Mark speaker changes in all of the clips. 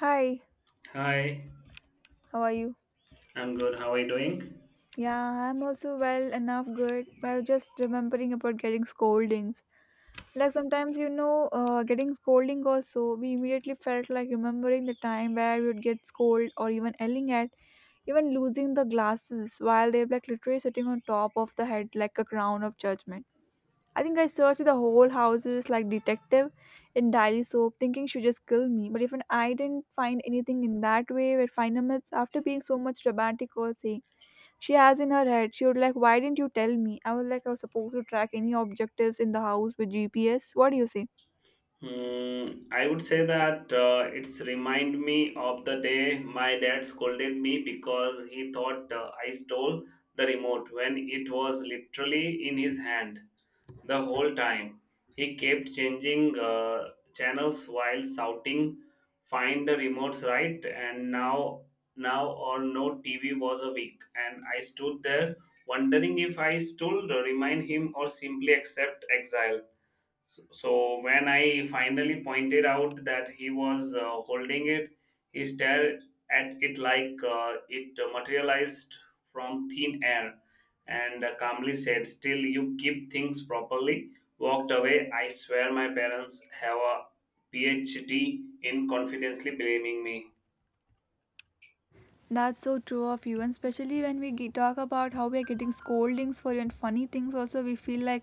Speaker 1: Hi,
Speaker 2: Hi,
Speaker 1: how are you?
Speaker 2: I'm good. How are you doing?
Speaker 1: Yeah, I'm also well enough good, but I was just remembering about getting scoldings. Like sometimes, getting scolding also, we immediately felt like remembering the time where we would get scolded or even yelling at, even losing the glasses while they're like literally sitting on top of the head like a crown of judgment. I think I searched the whole houses like detective in daily soap, thinking she just killed me. But even I didn't find anything in that way where final minutes after being so much romantic or saying she has in her head, she would like, why didn't you tell me? I was like, I was supposed to track any objectives in the house with GPS. What do you say?
Speaker 2: Hmm, I would say that it's remind me of the day my dad scolded me because he thought I stole the remote when it was literally in his hand the whole time. He kept changing channels while shouting, "Find the remotes right!" And now or no TV was a week, and I stood there wondering if I stole, remind him, or simply accept exile. So when I finally pointed out that he was holding it, he stared at it like it materialized from thin air and calmly said, "Still, you keep things properly." Walked away. I swear my parents have a PhD in confidently blaming me.
Speaker 1: That's so true of you, and especially when talk about how we are getting scoldings for and funny things. Also, we feel like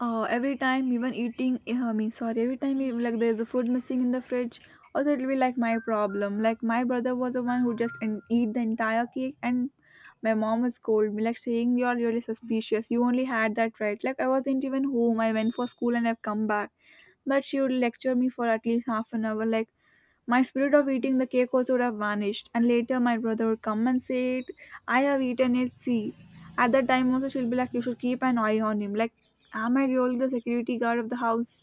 Speaker 1: every time even eating, eh, I mean, sorry, every time we, like there's a food missing in the fridge. Also, it'll be like my problem. Like my brother was the one who just eat the entire cake, and my mom would scold me, like saying you're really suspicious. You only had that right. Like I wasn't even home. I went for school and I've come back, but she would lecture me for at least half an hour, like my spirit of eating the cake also would have vanished, and later my brother would come and say it, I have eaten it, see. At that time also she'll be like, you should keep an eye on him. Like, am I really the security guard of the house?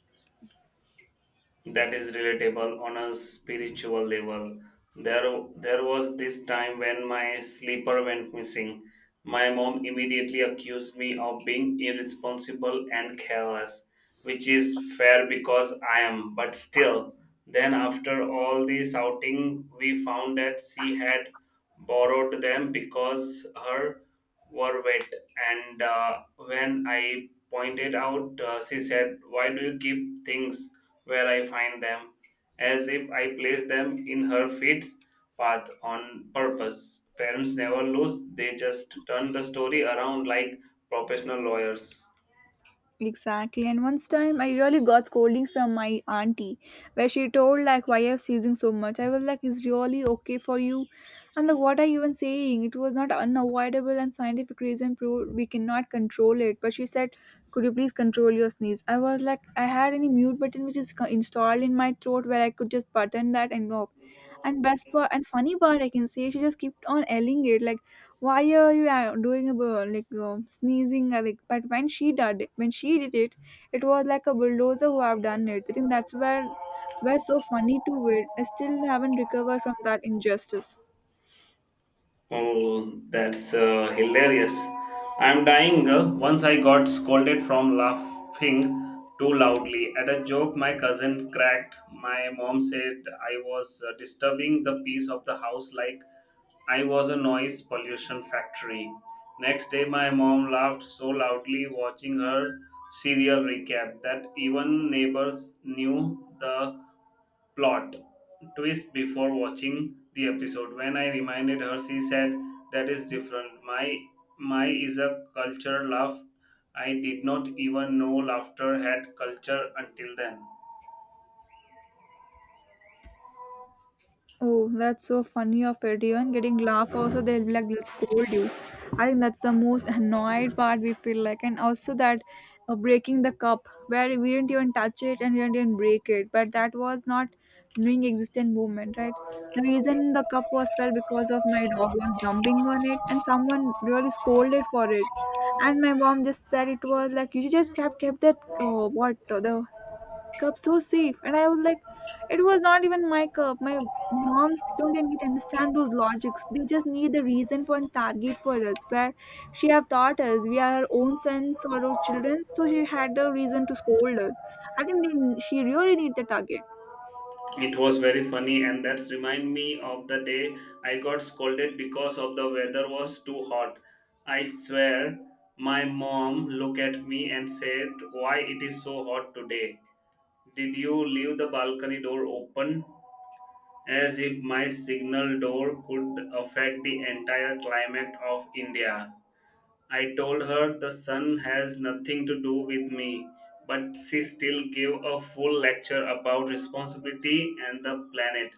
Speaker 2: That is relatable on a spiritual level. There, there was this time when my sleeper went missing. My mom immediately accused me of being irresponsible and careless, which is fair because I am. But still, then after all the shouting, we found that she had borrowed them because her were wet. And when I pointed out, she said, "Why do you keep things where I find them?", as if I place them in her feet path on purpose. Parents never lose, they just turn the story around like professional lawyers.
Speaker 1: Exactly. And once time I really got scoldings from my auntie where she told like why you're seizing so much. I was like, is really okay for you? And like what are you even saying? It was not unavoidable and scientific reason proved we cannot control it. But she said could you please control your sneeze. I was like I had any mute button which is installed in my throat where I could just button that and off. And best part and funny part I can say she just kept on yelling it like why are you doing a sneezing like but when she did it it was like a bulldozer who have done it. I think that's where so funny to it. I still haven't recovered from that injustice.
Speaker 2: Oh, that's hilarious. I'm dying. Once I got scolded from laughing too loudly at a joke my cousin cracked. My mom said I was disturbing the peace of the house like I was a noise pollution factory. Next day, my mom laughed so loudly watching her serial recap that even neighbors knew the plot twist before watching the episode. When I reminded her, she said, "That is different. My is a culture laugh. I did not even know laughter had culture until then."
Speaker 1: Oh, that's so funny of it. Even getting laugh also they'll be like they'll scold you. I think that's the most annoyed part we feel like, and also that breaking the cup where we didn't even touch it and we didn't even break it, but that was not doing existent movement, right? The reason the cup was fell because of my dog was jumping on it, and someone really scolded for it. And my mom just said it was like you just have kept that what the cup so safe. And I was like it was not even my cup. My moms don't even understand those logics. They just need the reason for and target for us where she have taught us we are her own sons or our children, so she had the reason to scold us. I think she really need the target.
Speaker 2: It was very funny, and that's remind me of the day I got scolded because of the weather was too hot. I swear, my mom looked at me and said, "Why it is so hot today? Did you leave the balcony door open?" As if my signal door could affect the entire climate of India. I told her the sun has nothing to do with me, but she still gave a full lecture about responsibility and the planet.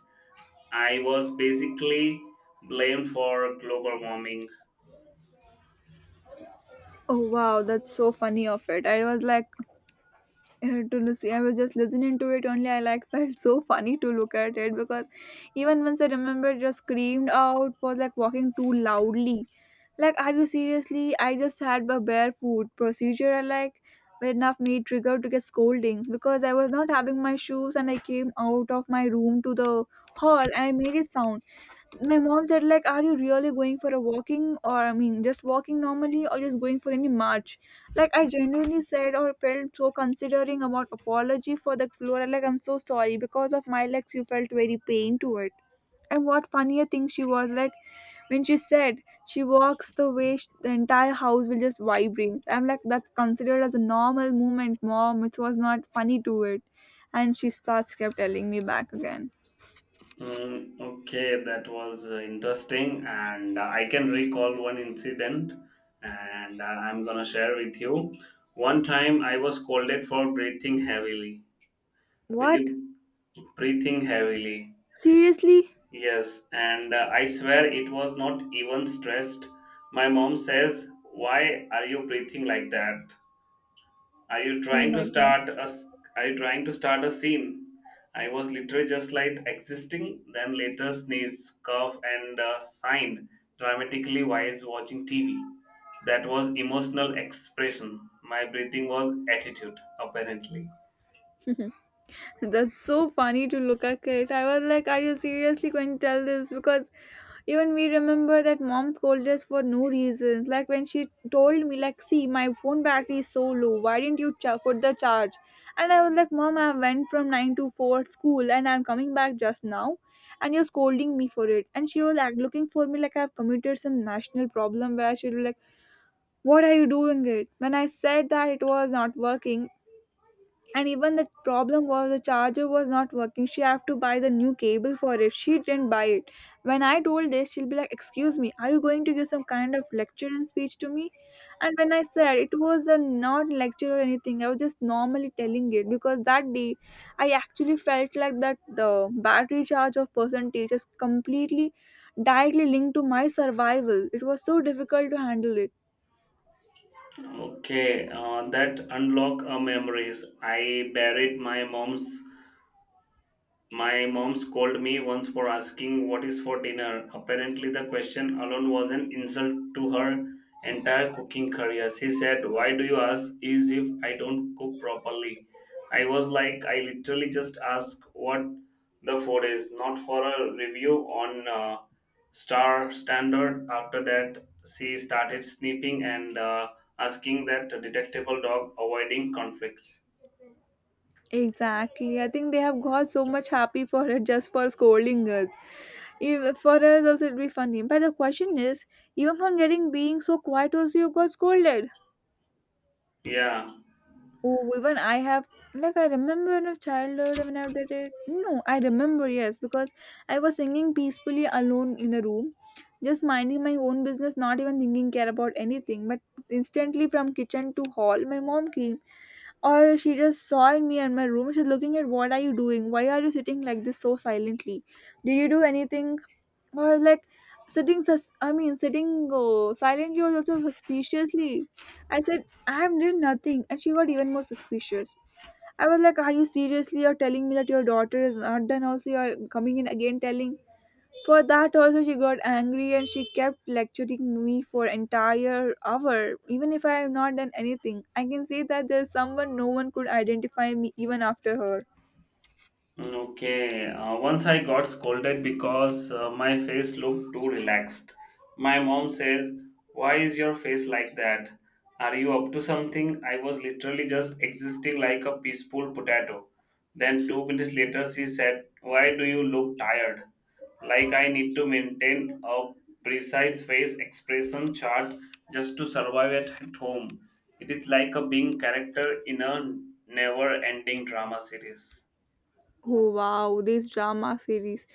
Speaker 2: I was basically blamed for global warming.
Speaker 1: Oh wow, that's so funny of it. I was like to Lucy. I was just listening to it only. I like felt so funny to look at it because even once I remember just screamed out was like walking too loudly. Like are you seriously? I just had a barefoot procedure. I like but enough me triggered to get scoldings because I was not having my shoes and I came out of my room to the hall and I made it sound. My mom said like are you really going for a walking or I mean just walking normally or just going for any march. Like I genuinely said or felt so considering about apology for the floor like I'm so sorry because of my legs you felt very pain to it. And what funnier thing she was like when she said she walks the way the entire house will just vibrate. I'm like that's considered as a normal movement mom. It was not funny to it. And she starts kept telling me back again.
Speaker 2: Mm, okay, that was interesting, and I can recall one incident, and I'm gonna share with you. One time, I was scolded for breathing heavily. Will
Speaker 1: What?
Speaker 2: you breathing heavily?
Speaker 1: Seriously?
Speaker 2: Yes, and I swear it was not even stressed. My mom says, "Why are you breathing like that? Are you
Speaker 1: Oh
Speaker 2: trying
Speaker 1: my
Speaker 2: to
Speaker 1: god.
Speaker 2: start a s- are you trying to start a scene?" I was literally just like existing, then later sneeze, cough, and signed dramatically while watching TV. That was emotional expression. My breathing was attitude, apparently.
Speaker 1: That's so funny to look at it. I was like, are you seriously going to tell this? Because even we remember that mom scolded us for no reason. Like when she told me, like, see, my phone battery is so low. Why didn't you cha put the charge? And I was like, mom, I went from 9 to 4 at school and I'm coming back just now. And you're scolding me for it. And she was like looking for me like I've committed some national problem where she'll be like, what are you doing it? When I said that it was not working, and even the problem was the charger was not working. She have to buy the new cable for it. She didn't buy it. When I told this she'll be like excuse me are you going to give some kind of lecture and speech to me. And when I said it was a not lecture or anything, I was just normally telling it because that day I actually felt like that the battery charge of percentage is completely directly linked to my survival. It was so difficult to handle it.
Speaker 2: Okay, that unlock memories. I buried my mom's My mom scolded me once for asking what is for dinner. Apparently, the question alone was an insult to her entire cooking career. She said, "Why do you ask is if I don't cook properly?" I was like, I literally just ask what the food is, not for a review on star standard. After that, she started snipping and asking that detectable dog avoiding conflicts.
Speaker 1: Exactly. I think they have got so much happy for it just for scolding us. If, for us also it'd be funny. But the question is, even from getting being so quiet also you got scolded.
Speaker 2: Yeah.
Speaker 1: Oh, even I have like I remember in a childhood when I did it. No, I remember yes because I was singing peacefully alone in the room, just minding my own business, not even thinking care about anything. But instantly from kitchen to hall, my mom came or she just saw in me in my room. She's looking at what are you doing? Why are you sitting like this so silently? Did you do anything? Or like sitting silently was also suspiciously. I said, I am doing nothing. And she got even more suspicious. I was like, are you seriously? You're telling me that your daughter is not done, also, you're coming in again telling for that also she got angry and she kept lecturing me for entire hour. Even if I have not done anything, I can say that there's someone no one could identify me even after her.
Speaker 2: Okay, once I got scolded because my face looked too relaxed. My mom says, "Why is your face like that? Are you up to something?" I was literally just existing like a peaceful potato. Then, two minutes later, she said, "Why do you look tired?" Like I need to maintain a precise face expression chart just to survive at home. It is like a being character in a never ending drama series.
Speaker 1: Oh wow, these drama series.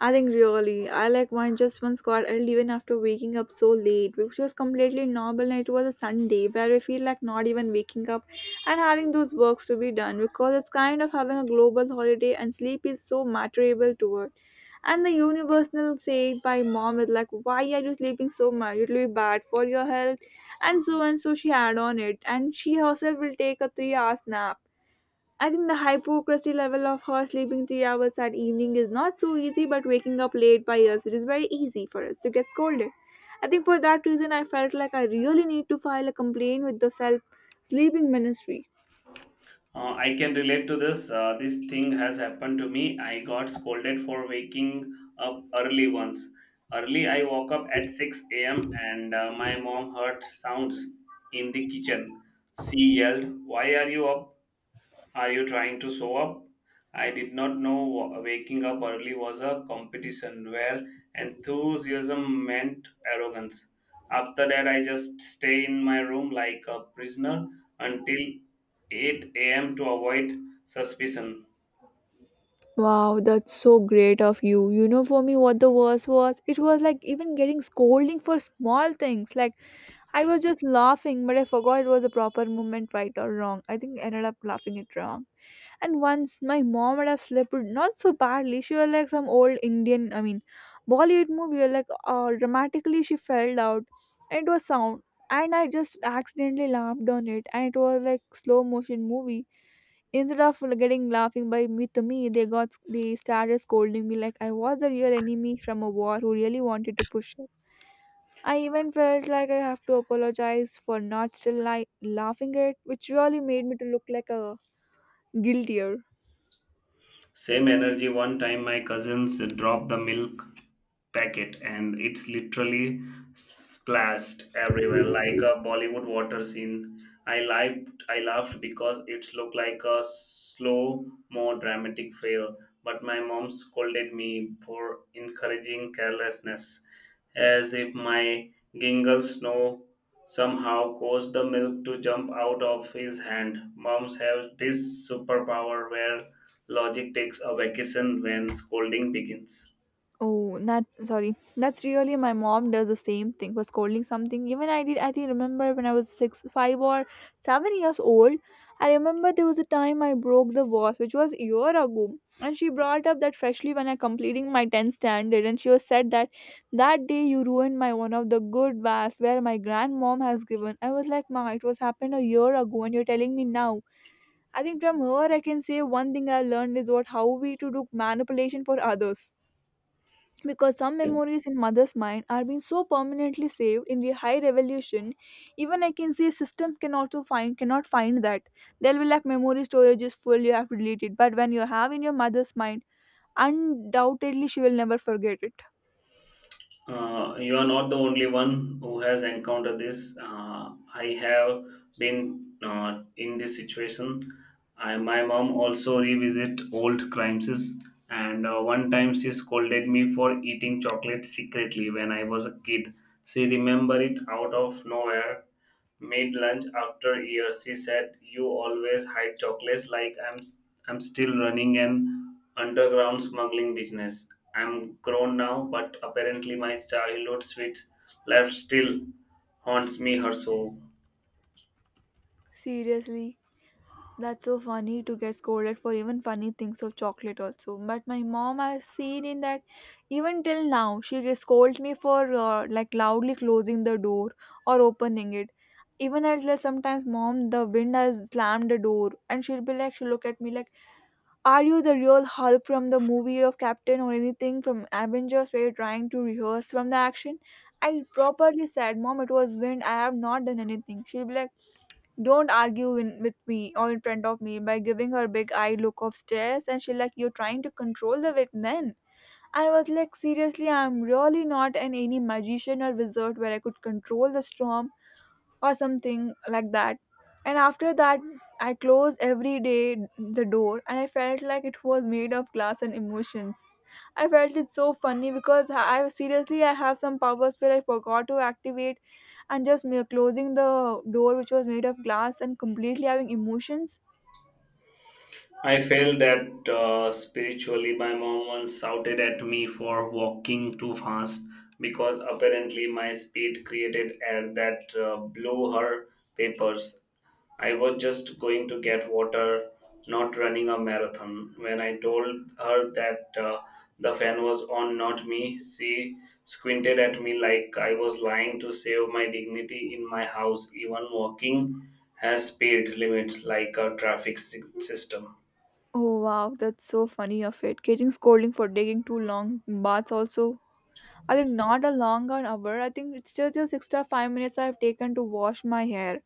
Speaker 1: I think really, I like mine just once got ill even after waking up so late, which was completely normal and it was a Sunday where I feel like not even waking up and having those works to be done because it's kind of having a global holiday and sleep is so matterable to it. And the universal say by mom is like, why are you sleeping so much? It will be bad for your health. And so she had on it and she herself will take a 3 hour nap. I think the hypocrisy level of her sleeping 3 hours at evening is not so easy, but waking up late by us, it is very easy for us to get scolded. I think for that reason, I felt like I really need to file a complaint with the self sleeping ministry.
Speaker 2: I can relate to this. This thing has happened to me. I got scolded for waking up early once. Early, I woke up at 6 a.m. and my mom heard sounds in the kitchen. She yelled, "Why are you up, are you trying to show up?" I did not know waking up early was a competition where enthusiasm meant arrogance. After that, I just stay in my room like a prisoner until 8 a.m. to avoid suspicion.
Speaker 1: Wow, that's so great of you. You know, for me, what the worst was? It was like even getting scolding for small things. Like, I was just laughing, but I forgot it was a proper moment, right or wrong. I think I ended up laughing it wrong. And once my mom would have slipped not so badly. She was like some old Indian, I mean, Bollywood movie. Like dramatically, she fell out, and it was sound. And I just accidentally laughed on it, and it was like slow motion movie. Instead of getting laughing by me to me, they started scolding me like I was the real enemy from a war who really wanted to push it. I even felt like I have to apologize for not laughing it, which really made me to look like a guiltier.
Speaker 2: Same energy. One time my cousins dropped the milk packet and it's literally splashed everywhere like a Bollywood water scene. I laughed because it looked like a slow, more dramatic fail. But my mom scolded me for encouraging carelessness, as if my gingle snow somehow caused the milk to jump out of his hand. Moms have this superpower where logic takes a vacation when scolding begins.
Speaker 1: Oh, that sorry. That's really my mom does the same thing for scolding something. Even I did. I think remember when I was 5 or 7 years old. I remember there was a time I broke the vase, which was a year ago, and she brought up that freshly when I completing my 10th standard, and she was said that that day you ruined my one of the good vase where my grandmom has given. I was like, Ma, it was happened a year ago, and you're telling me now. I think from her I can say one thing I learned is what how we to do manipulation for others, because some memories in mother's mind are being so permanently saved in the high revolution. Even I can say systems can also find, cannot find that. They'll be like, memory storage is full, you have to delete it. But when you have in your mother's mind, undoubtedly she will never forget it,
Speaker 2: You are not the only one who has encountered this. I have been in this situation. My mom also revisit old crimes, and one time she scolded me for eating chocolate secretly when I was a kid. She remembered it out of nowhere. Made lunch after years. She said, "You always hide chocolates like I'm still running an underground smuggling business." I'm grown now, but apparently my childhood sweet life still haunts me her soul.
Speaker 1: seriously. That's so funny to get scolded for even funny things of chocolate also. But my mom, I've seen in that even till now, she gets scold me for like loudly closing the door or opening it. Even as like sometimes, mom, the wind has slammed the door, and she'll be like, she'll look at me like, "Are you the real Hulk from the movie of Captain or anything from Avengers where you're trying to rehearse from the action?" I properly said, "Mom, it was wind. I have not done anything." She'll be like, don't argue in, with me or in front of me, by giving her big eye look of stares, and she like you're trying to control the wit then. I was like, seriously I'm really not an any magician or wizard where I could control the storm or something like that. And after that, I closed every day the door, and I felt like it was made of glass and emotions. I felt it so funny because I seriously I have some powers where I forgot to activate, and just closing the door which was made of glass and completely having emotions.
Speaker 2: I felt that spiritually, my mom once shouted at me for walking too fast because apparently my speed created air that blew her papers. I was just going to get water, not running a marathon. When I told her that the fan was on, not me, she squinted at me like I was lying to save my dignity in my house. Even walking has speed limit like a traffic system.
Speaker 1: Oh wow, that's so funny of it. Getting scolding for taking too long baths also. I think not a long an hour. I think it's just extra 5 minutes I've taken to wash my hair.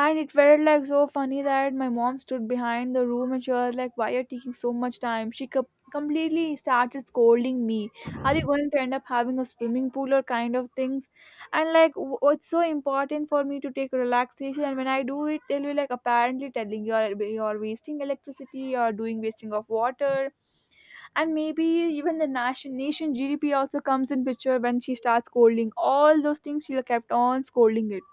Speaker 1: And it felt like so funny that my mom stood behind the room, and she was like, why are you taking so much time? She completely started scolding me, are you going to end up having a swimming pool or kind of things? And like, it's so important for me to take relaxation, and when I do it, they'll be like, apparently telling you, are you're wasting electricity, you're doing wasting of water. And maybe even the nation GDP also comes in picture. When she starts scolding all those things, she kept on scolding it.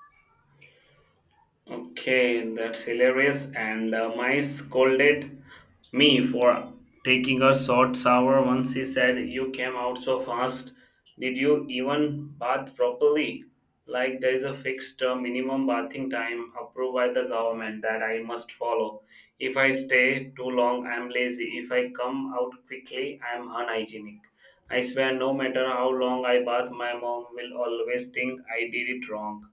Speaker 2: Okay, that's hilarious. And my scolded me for taking a short shower once he said, "You came out so fast. Did you even bath properly?" Like there is a fixed minimum bathing time approved by the government that I must follow. If I stay too long, I'm lazy. If I come out quickly, I'm unhygienic. I swear, no matter how long I bath, my mom will always think I did it wrong.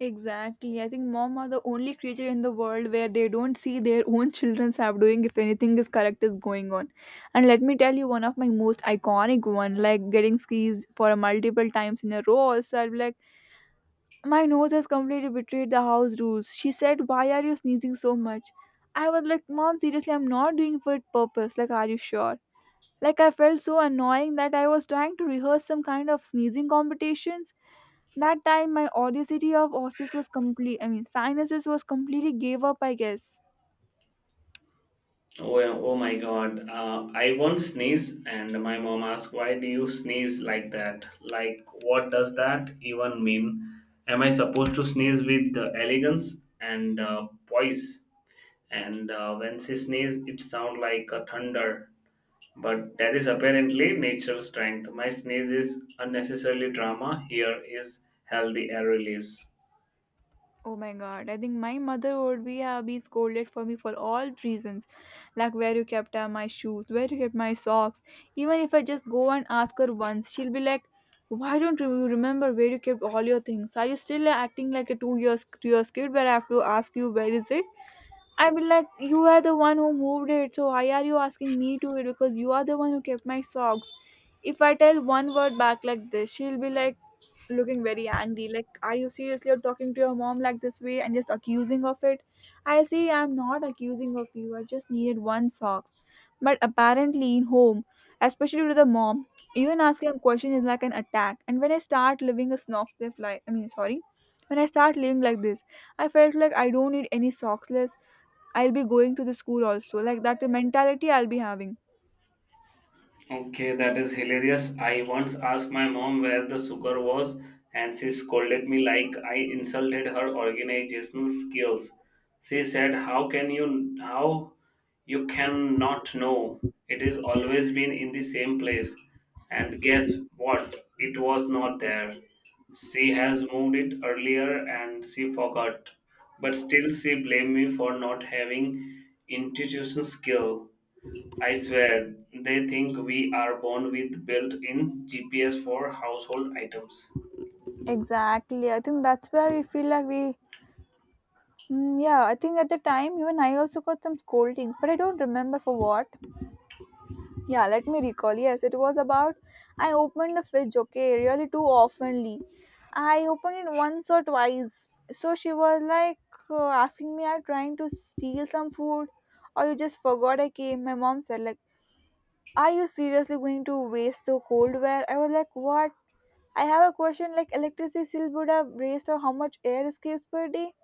Speaker 1: Exactly. I think mom are the only creature in the world where they don't see their own children's have doing if anything is correct is going on. And let me tell you one of my most iconic one, like getting skis for a multiple times in a row. Also, I'll be like, my nose has completely betrayed the house rules. She said, why are you sneezing so much? I was like, mom, seriously, I'm not doing for it purpose. Like, are you sure? Like I felt so annoying that I was trying to rehearse some kind of sneezing competitions. That time my audacity of osseous was complete, I mean sinuses, was completely gave up, I guess.
Speaker 2: Oh, yeah, oh my God. I once sneeze, and my mom asked, "Why do you sneeze like that?" Like, what does that even mean? Am I supposed to sneeze with elegance and poise? And when she sneezed, it sounded like a thunder. But that is apparently natural strength. My sneeze is unnecessarily drama. Here is healthy air release.
Speaker 1: Oh my god, I think my mother would be have been scolded for me for all reasons. Like where you kept my shoes, where you kept my socks. Even if I just go and ask her once, she'll be like, why don't you remember where you kept all your things? Are you still acting like a two years kid where I have to ask you where is it? I mean, like, you are the one who moved it, so why are you asking me to it? Because you are the one who kept my socks. If I tell one word back like this, she'll be like looking very angry. Like, are you seriously you're talking to your mom like this way and just accusing of it? I say I'm not accusing of you. I just needed one socks. But apparently, in home, especially with the mom, even asking a question is like an attack. And when I start living a snox, they fly. I mean, sorry, when I start living like this. I felt like I don't need any socks less. I'll be going to the school also. Like that mentality I'll be having.
Speaker 2: Okay, that is hilarious. I once asked my mom where the sugar was, and she scolded me like I insulted her organizational skills. She said, "How can you? How you cannot know? It has always been in the same place." And guess what? It was not there. She has moved it earlier, and she forgot. But still, she blamed me for not having intuition skill. I swear, they think we are born with built in GPS for household items.
Speaker 1: Exactly. I think that's where we feel like we. Yeah, I think at the time even I also got some scoldings, but I don't remember for what. Yeah, let me recall. Yes, it was about I opened the fridge, okay, really too oftenly. I opened it once or twice. So she was like asking me, "Are you trying to steal some food, or you just forgot I came?" My mom said like, are you seriously going to waste the cold wear? I was like, what? I have a question like electricity still would have raised or how much air escapes per day?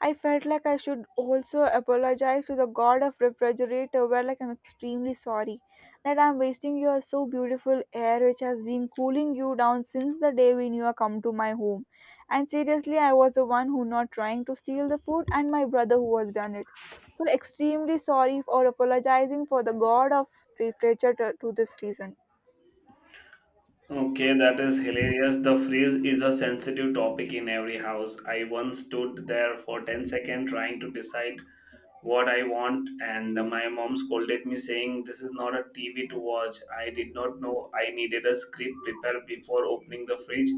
Speaker 1: I felt like I should also apologize to the god of refrigerator where like, I'm extremely sorry that I'm wasting your so beautiful air which has been cooling you down since the day when you have come to my home. And seriously I was the one who not trying to steal the food, and my brother who has done it. So extremely sorry for apologizing for the god of refrigerator to this reason.
Speaker 2: Okay, that is hilarious. The freeze is a sensitive topic in every house. I once stood there for 10 seconds trying to decide what I want, and my mom scolded me, saying, "This is not a TV to watch." I did not know I needed a script prepared before opening the fridge.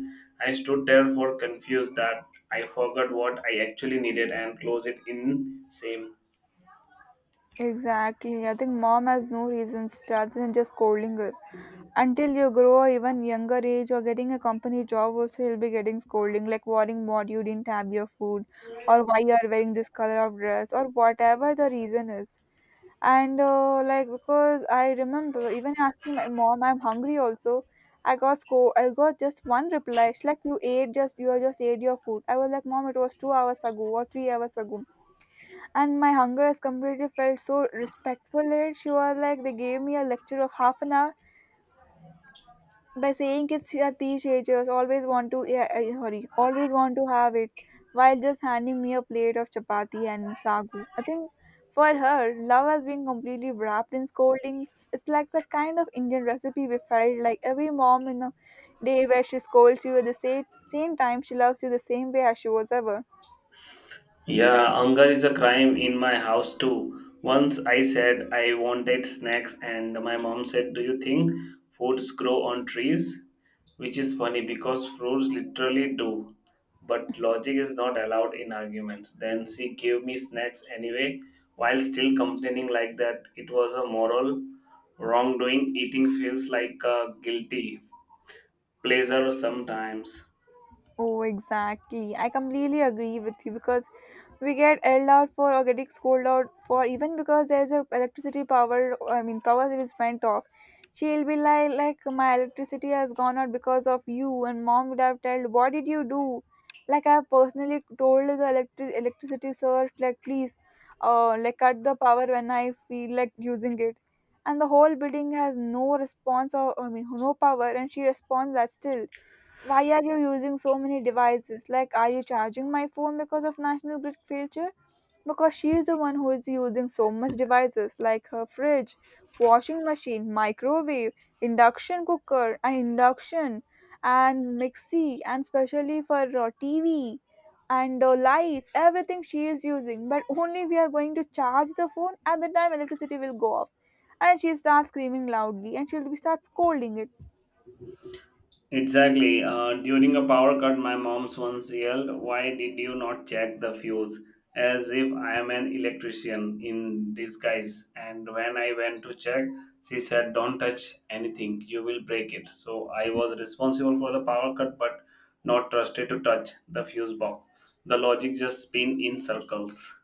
Speaker 2: I stood there for confused that I forgot what I actually needed and closed it in same.
Speaker 1: Exactly. I think mom has no reasons rather than just scolding her. Until you grow a even younger age or getting a company job, also you'll be getting scolding, like worrying what you didn't have your food, or why you are wearing this color of dress, or whatever the reason is. And like because I remember even asking my mom, I'm hungry also. I got I got just one reply. She's like, you ate, just you just ate your food. I was like, mom, it was 2 hours ago or 3 hours ago, and my hunger has completely felt so respectful it. She was like, they gave me a lecture of half an hour by saying kids are teachers always want to, yeah, sorry, always want to have it, while just handing me a plate of chapati and sagu, I think. For her love has been completely wrapped in scoldings. It's like the kind of Indian recipe. We felt like every mom in a day where she scolds you at the same time, she loves you the same way as she was ever.
Speaker 2: Yeah, hunger is a crime in my house too. Once I said I wanted snacks, and my mom said, "Do you think foods grow on trees?" Which is funny because fruits literally do. But logic is not allowed in arguments. Then she gave me snacks anyway, while still complaining like that it was a moral wrongdoing. Eating feels like a guilty pleasure sometimes.
Speaker 1: Oh, exactly. I completely agree with you because we get yelled out for or getting scolded out for even because there's a electricity power. I mean, power is went off. She'll be like my electricity has gone out because of you, and mom would have told, what did you do? Like I personally told the electricity sir, like please, like cut the power when I feel like using it, and the whole building has no response, or I mean no power, and she responds that still, why are you using so many devices? Like, are you charging my phone because of National Grid failure? Because she is the one who is using so much devices like her fridge, washing machine, microwave, induction cooker, and induction, and mixie, and especially for TV and lights, everything she is using. But only we are going to charge the phone at the time electricity will go off. And she starts screaming loudly, and she'll be start scolding it.
Speaker 2: Exactly. During a power cut, my mom once yelled, "Why did you not check the fuse?" As if I am an electrician in disguise. And when I went to check, she said, "Don't touch anything, you will break it." So I was responsible for the power cut but not trusted to touch the fuse box. The logic just spin in circles.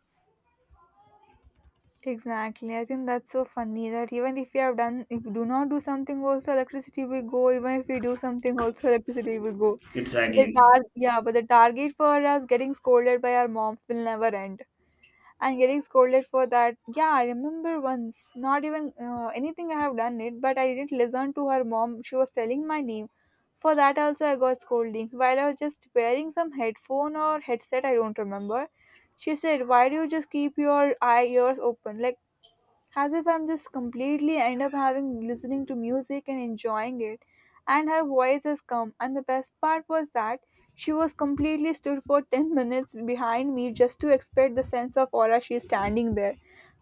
Speaker 1: Exactly. I think that's so funny that even if we have done, if we do not do something, also electricity will go. Even if we do something, also electricity will go. But the
Speaker 2: Exactly.
Speaker 1: yeah, but the target for us getting scolded by our moms will never end. And getting scolded for that, yeah, I remember once, not even anything I have done it, but I didn't listen to her mom. She was telling my name. For that also, I got scoldings. While I was just wearing some headphone or headset, I don't remember. She said, "Why do you just keep your eye ears open? Like." As if I'm just completely end up having listening to music and enjoying it. And her voice has come, and the best part was that she was completely stood for 10 minutes behind me just to expect the sense of aura she's standing there.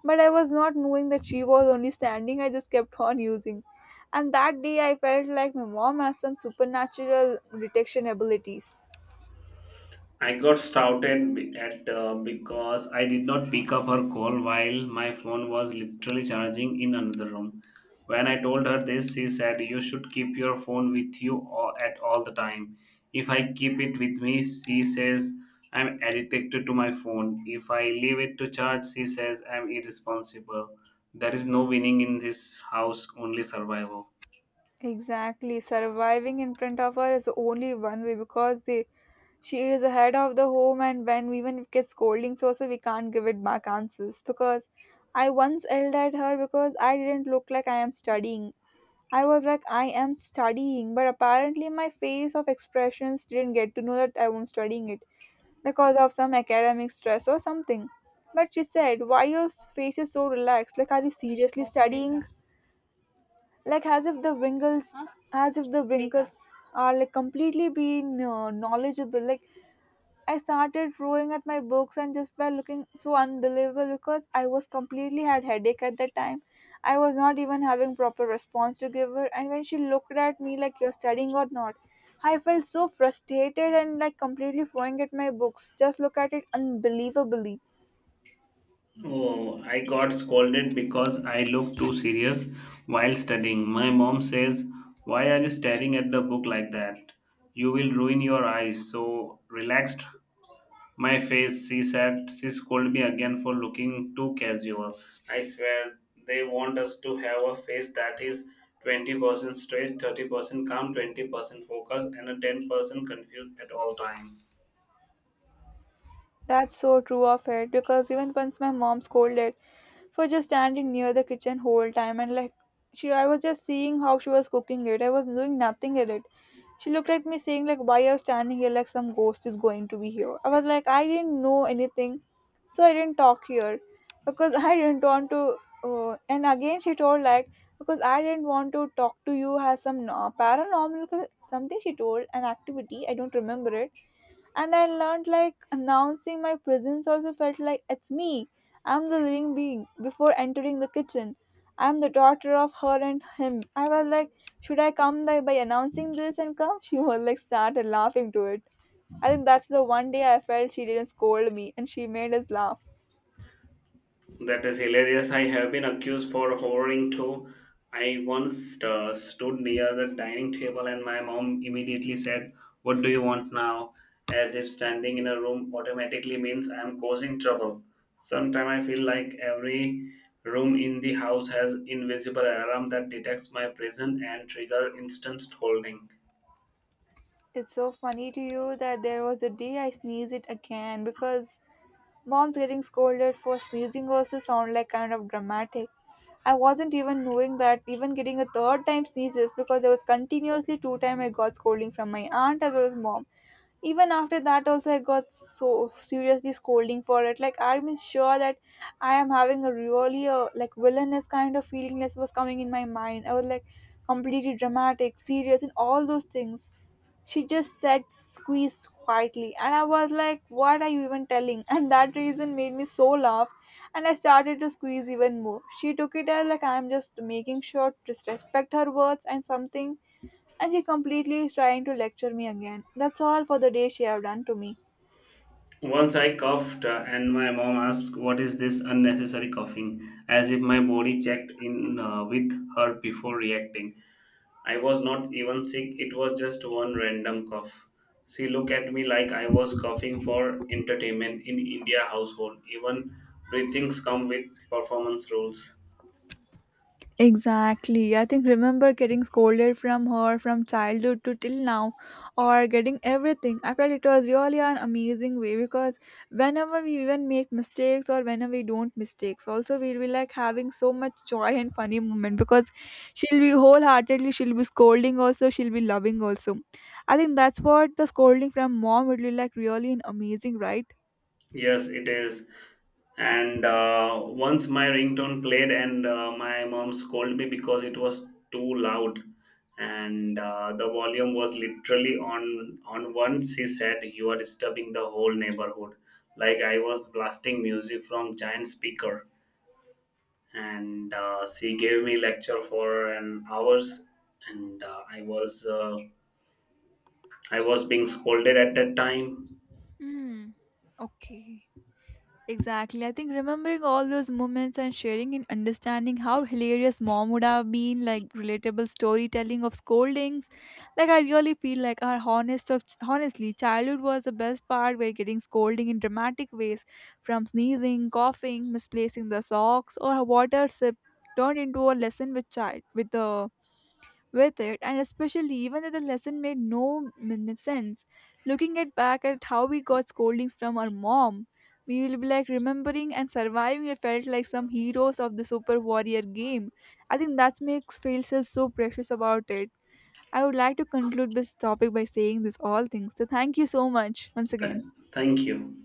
Speaker 1: But I was not knowing that she was only standing, I just kept on using. And that day I felt like my mom has some supernatural detection abilities.
Speaker 2: I got shouted be- at Uh, because I did not pick up her call while my phone was literally charging in another room. When I told her this, she said, "You should keep your phone with you at all the time." If I keep it with me, she says, I'm addicted to my phone. If I leave it to charge, she says, I'm irresponsible. There is no winning in this house, only survival.
Speaker 1: Exactly, surviving in front of her is only one way because the, she is ahead of the home, and when even it gets scolding, so we can't give it back answers because I once yelled at her because I didn't look like I am studying. I was like I am studying, but apparently my face of expressions didn't get to know that I am studying it because of some academic stress or something. But she said, "Why your face is so relaxed? Like, are you seriously studying? Like, as if the wrinkles," as if the wrinkles are like completely being knowledgeable. Like, I started throwing at my books and just by looking so unbelievable because I was completely had headache at that time. I was not even having proper response to give her, and when she looked at me like you're studying or not, I felt so frustrated and like completely throwing at my books. Just look at it unbelievably.
Speaker 2: Oh, I got scolded because I looked too serious while studying. My mom says, "Why are you staring at the book like that? You will ruin your eyes." So relaxed my face, she said. She scolded me again for looking too casual. I swear, they want us to have a face that is 20% stressed, 30% calm, 20% focused, and a 10% confused at all times.
Speaker 1: That's so true of it, because even once my mom scolded for just standing near the kitchen whole time, and like she I was just seeing how she was cooking it. I was doing nothing in it. She looked at me saying like why you're standing here like some ghost is going to be here. I was like I didn't know anything, so I didn't talk here because I didn't want to and again she told like because I didn't want to talk to you has some paranormal something she told an activity, I don't remember it, and I learned like announcing my presence also felt like it's me. I'm the living being before entering the kitchen. I'm the daughter of her and him. I was like, should I come by announcing this and come? She was like started laughing to it. I think that's the one day I felt she didn't scold me, and she made us laugh.
Speaker 2: That is hilarious. I have been accused for hoarding too. I once stood near the dining table and my mom immediately said, "What do you want now?" As if standing in a room automatically means I am causing trouble. Sometimes I feel like every room in the house has invisible alarm that detects my presence and trigger instant scolding.
Speaker 1: It's so funny to you that there was a day I sneezed it again, because mom's getting scolded for sneezing also sound like kind of dramatic. I wasn't even knowing that even getting a third time sneezes, because I was continuously two time I got scolding from my aunt as well as mom. Even after that also, I got so seriously scolding for it. Like, I'm sure that I am having a really like villainous kind of feelingness was coming in my mind. I was like completely dramatic, serious, and all those things. She just said squeeze quietly, and I was like what are you even telling? And that reason made me so laugh, and I started to squeeze even more. She took it as like I'm just making sure to respect her words and something, and she completely is trying to lecture me again. That's all for the day she have done to me.
Speaker 2: Once I coughed, and my mom asked, "What is this unnecessary coughing?", as if my body checked in with her before reacting. I was not even sick, it was just one random cough. She looked at me like I was coughing for entertainment in India household. Even breathings come with performance rules.
Speaker 1: Exactly. I think remember getting scolded from her from childhood to till now, or getting everything. I felt it was really an amazing way, because whenever we even make mistakes or whenever we don't mistakes, also we'll be like having so much joy and funny moment, because she'll be wholeheartedly she'll be scolding also, she'll be loving also. I think that's what the scolding from mom would be like really an amazing, right?
Speaker 2: Yes, it is. And once my ringtone played, and my mom scolded me because it was too loud, and the volume was literally on one. She said, "You are disturbing the whole neighborhood." Like I was blasting music from giant speaker, and she gave me lecture for an hours, and I was being scolded at that time.
Speaker 1: Hmm. Okay. Exactly. I think remembering all those moments and sharing and understanding how hilarious mom would have been, like relatable storytelling of scoldings. Like I really feel like our honestly, childhood was the best part. We're getting scolding in dramatic ways from sneezing, coughing, misplacing the socks, or a water sip turned into a lesson with child with the with it, and especially even if the lesson made no min- sense. Looking at back at how we got scoldings from our mom, we will be like remembering and surviving it felt like some heroes of the super warrior game. I think that makes failures so precious about it. I would like to conclude this topic by saying this all things, so thank you so much once
Speaker 2: Th-
Speaker 1: again.
Speaker 2: Thank you.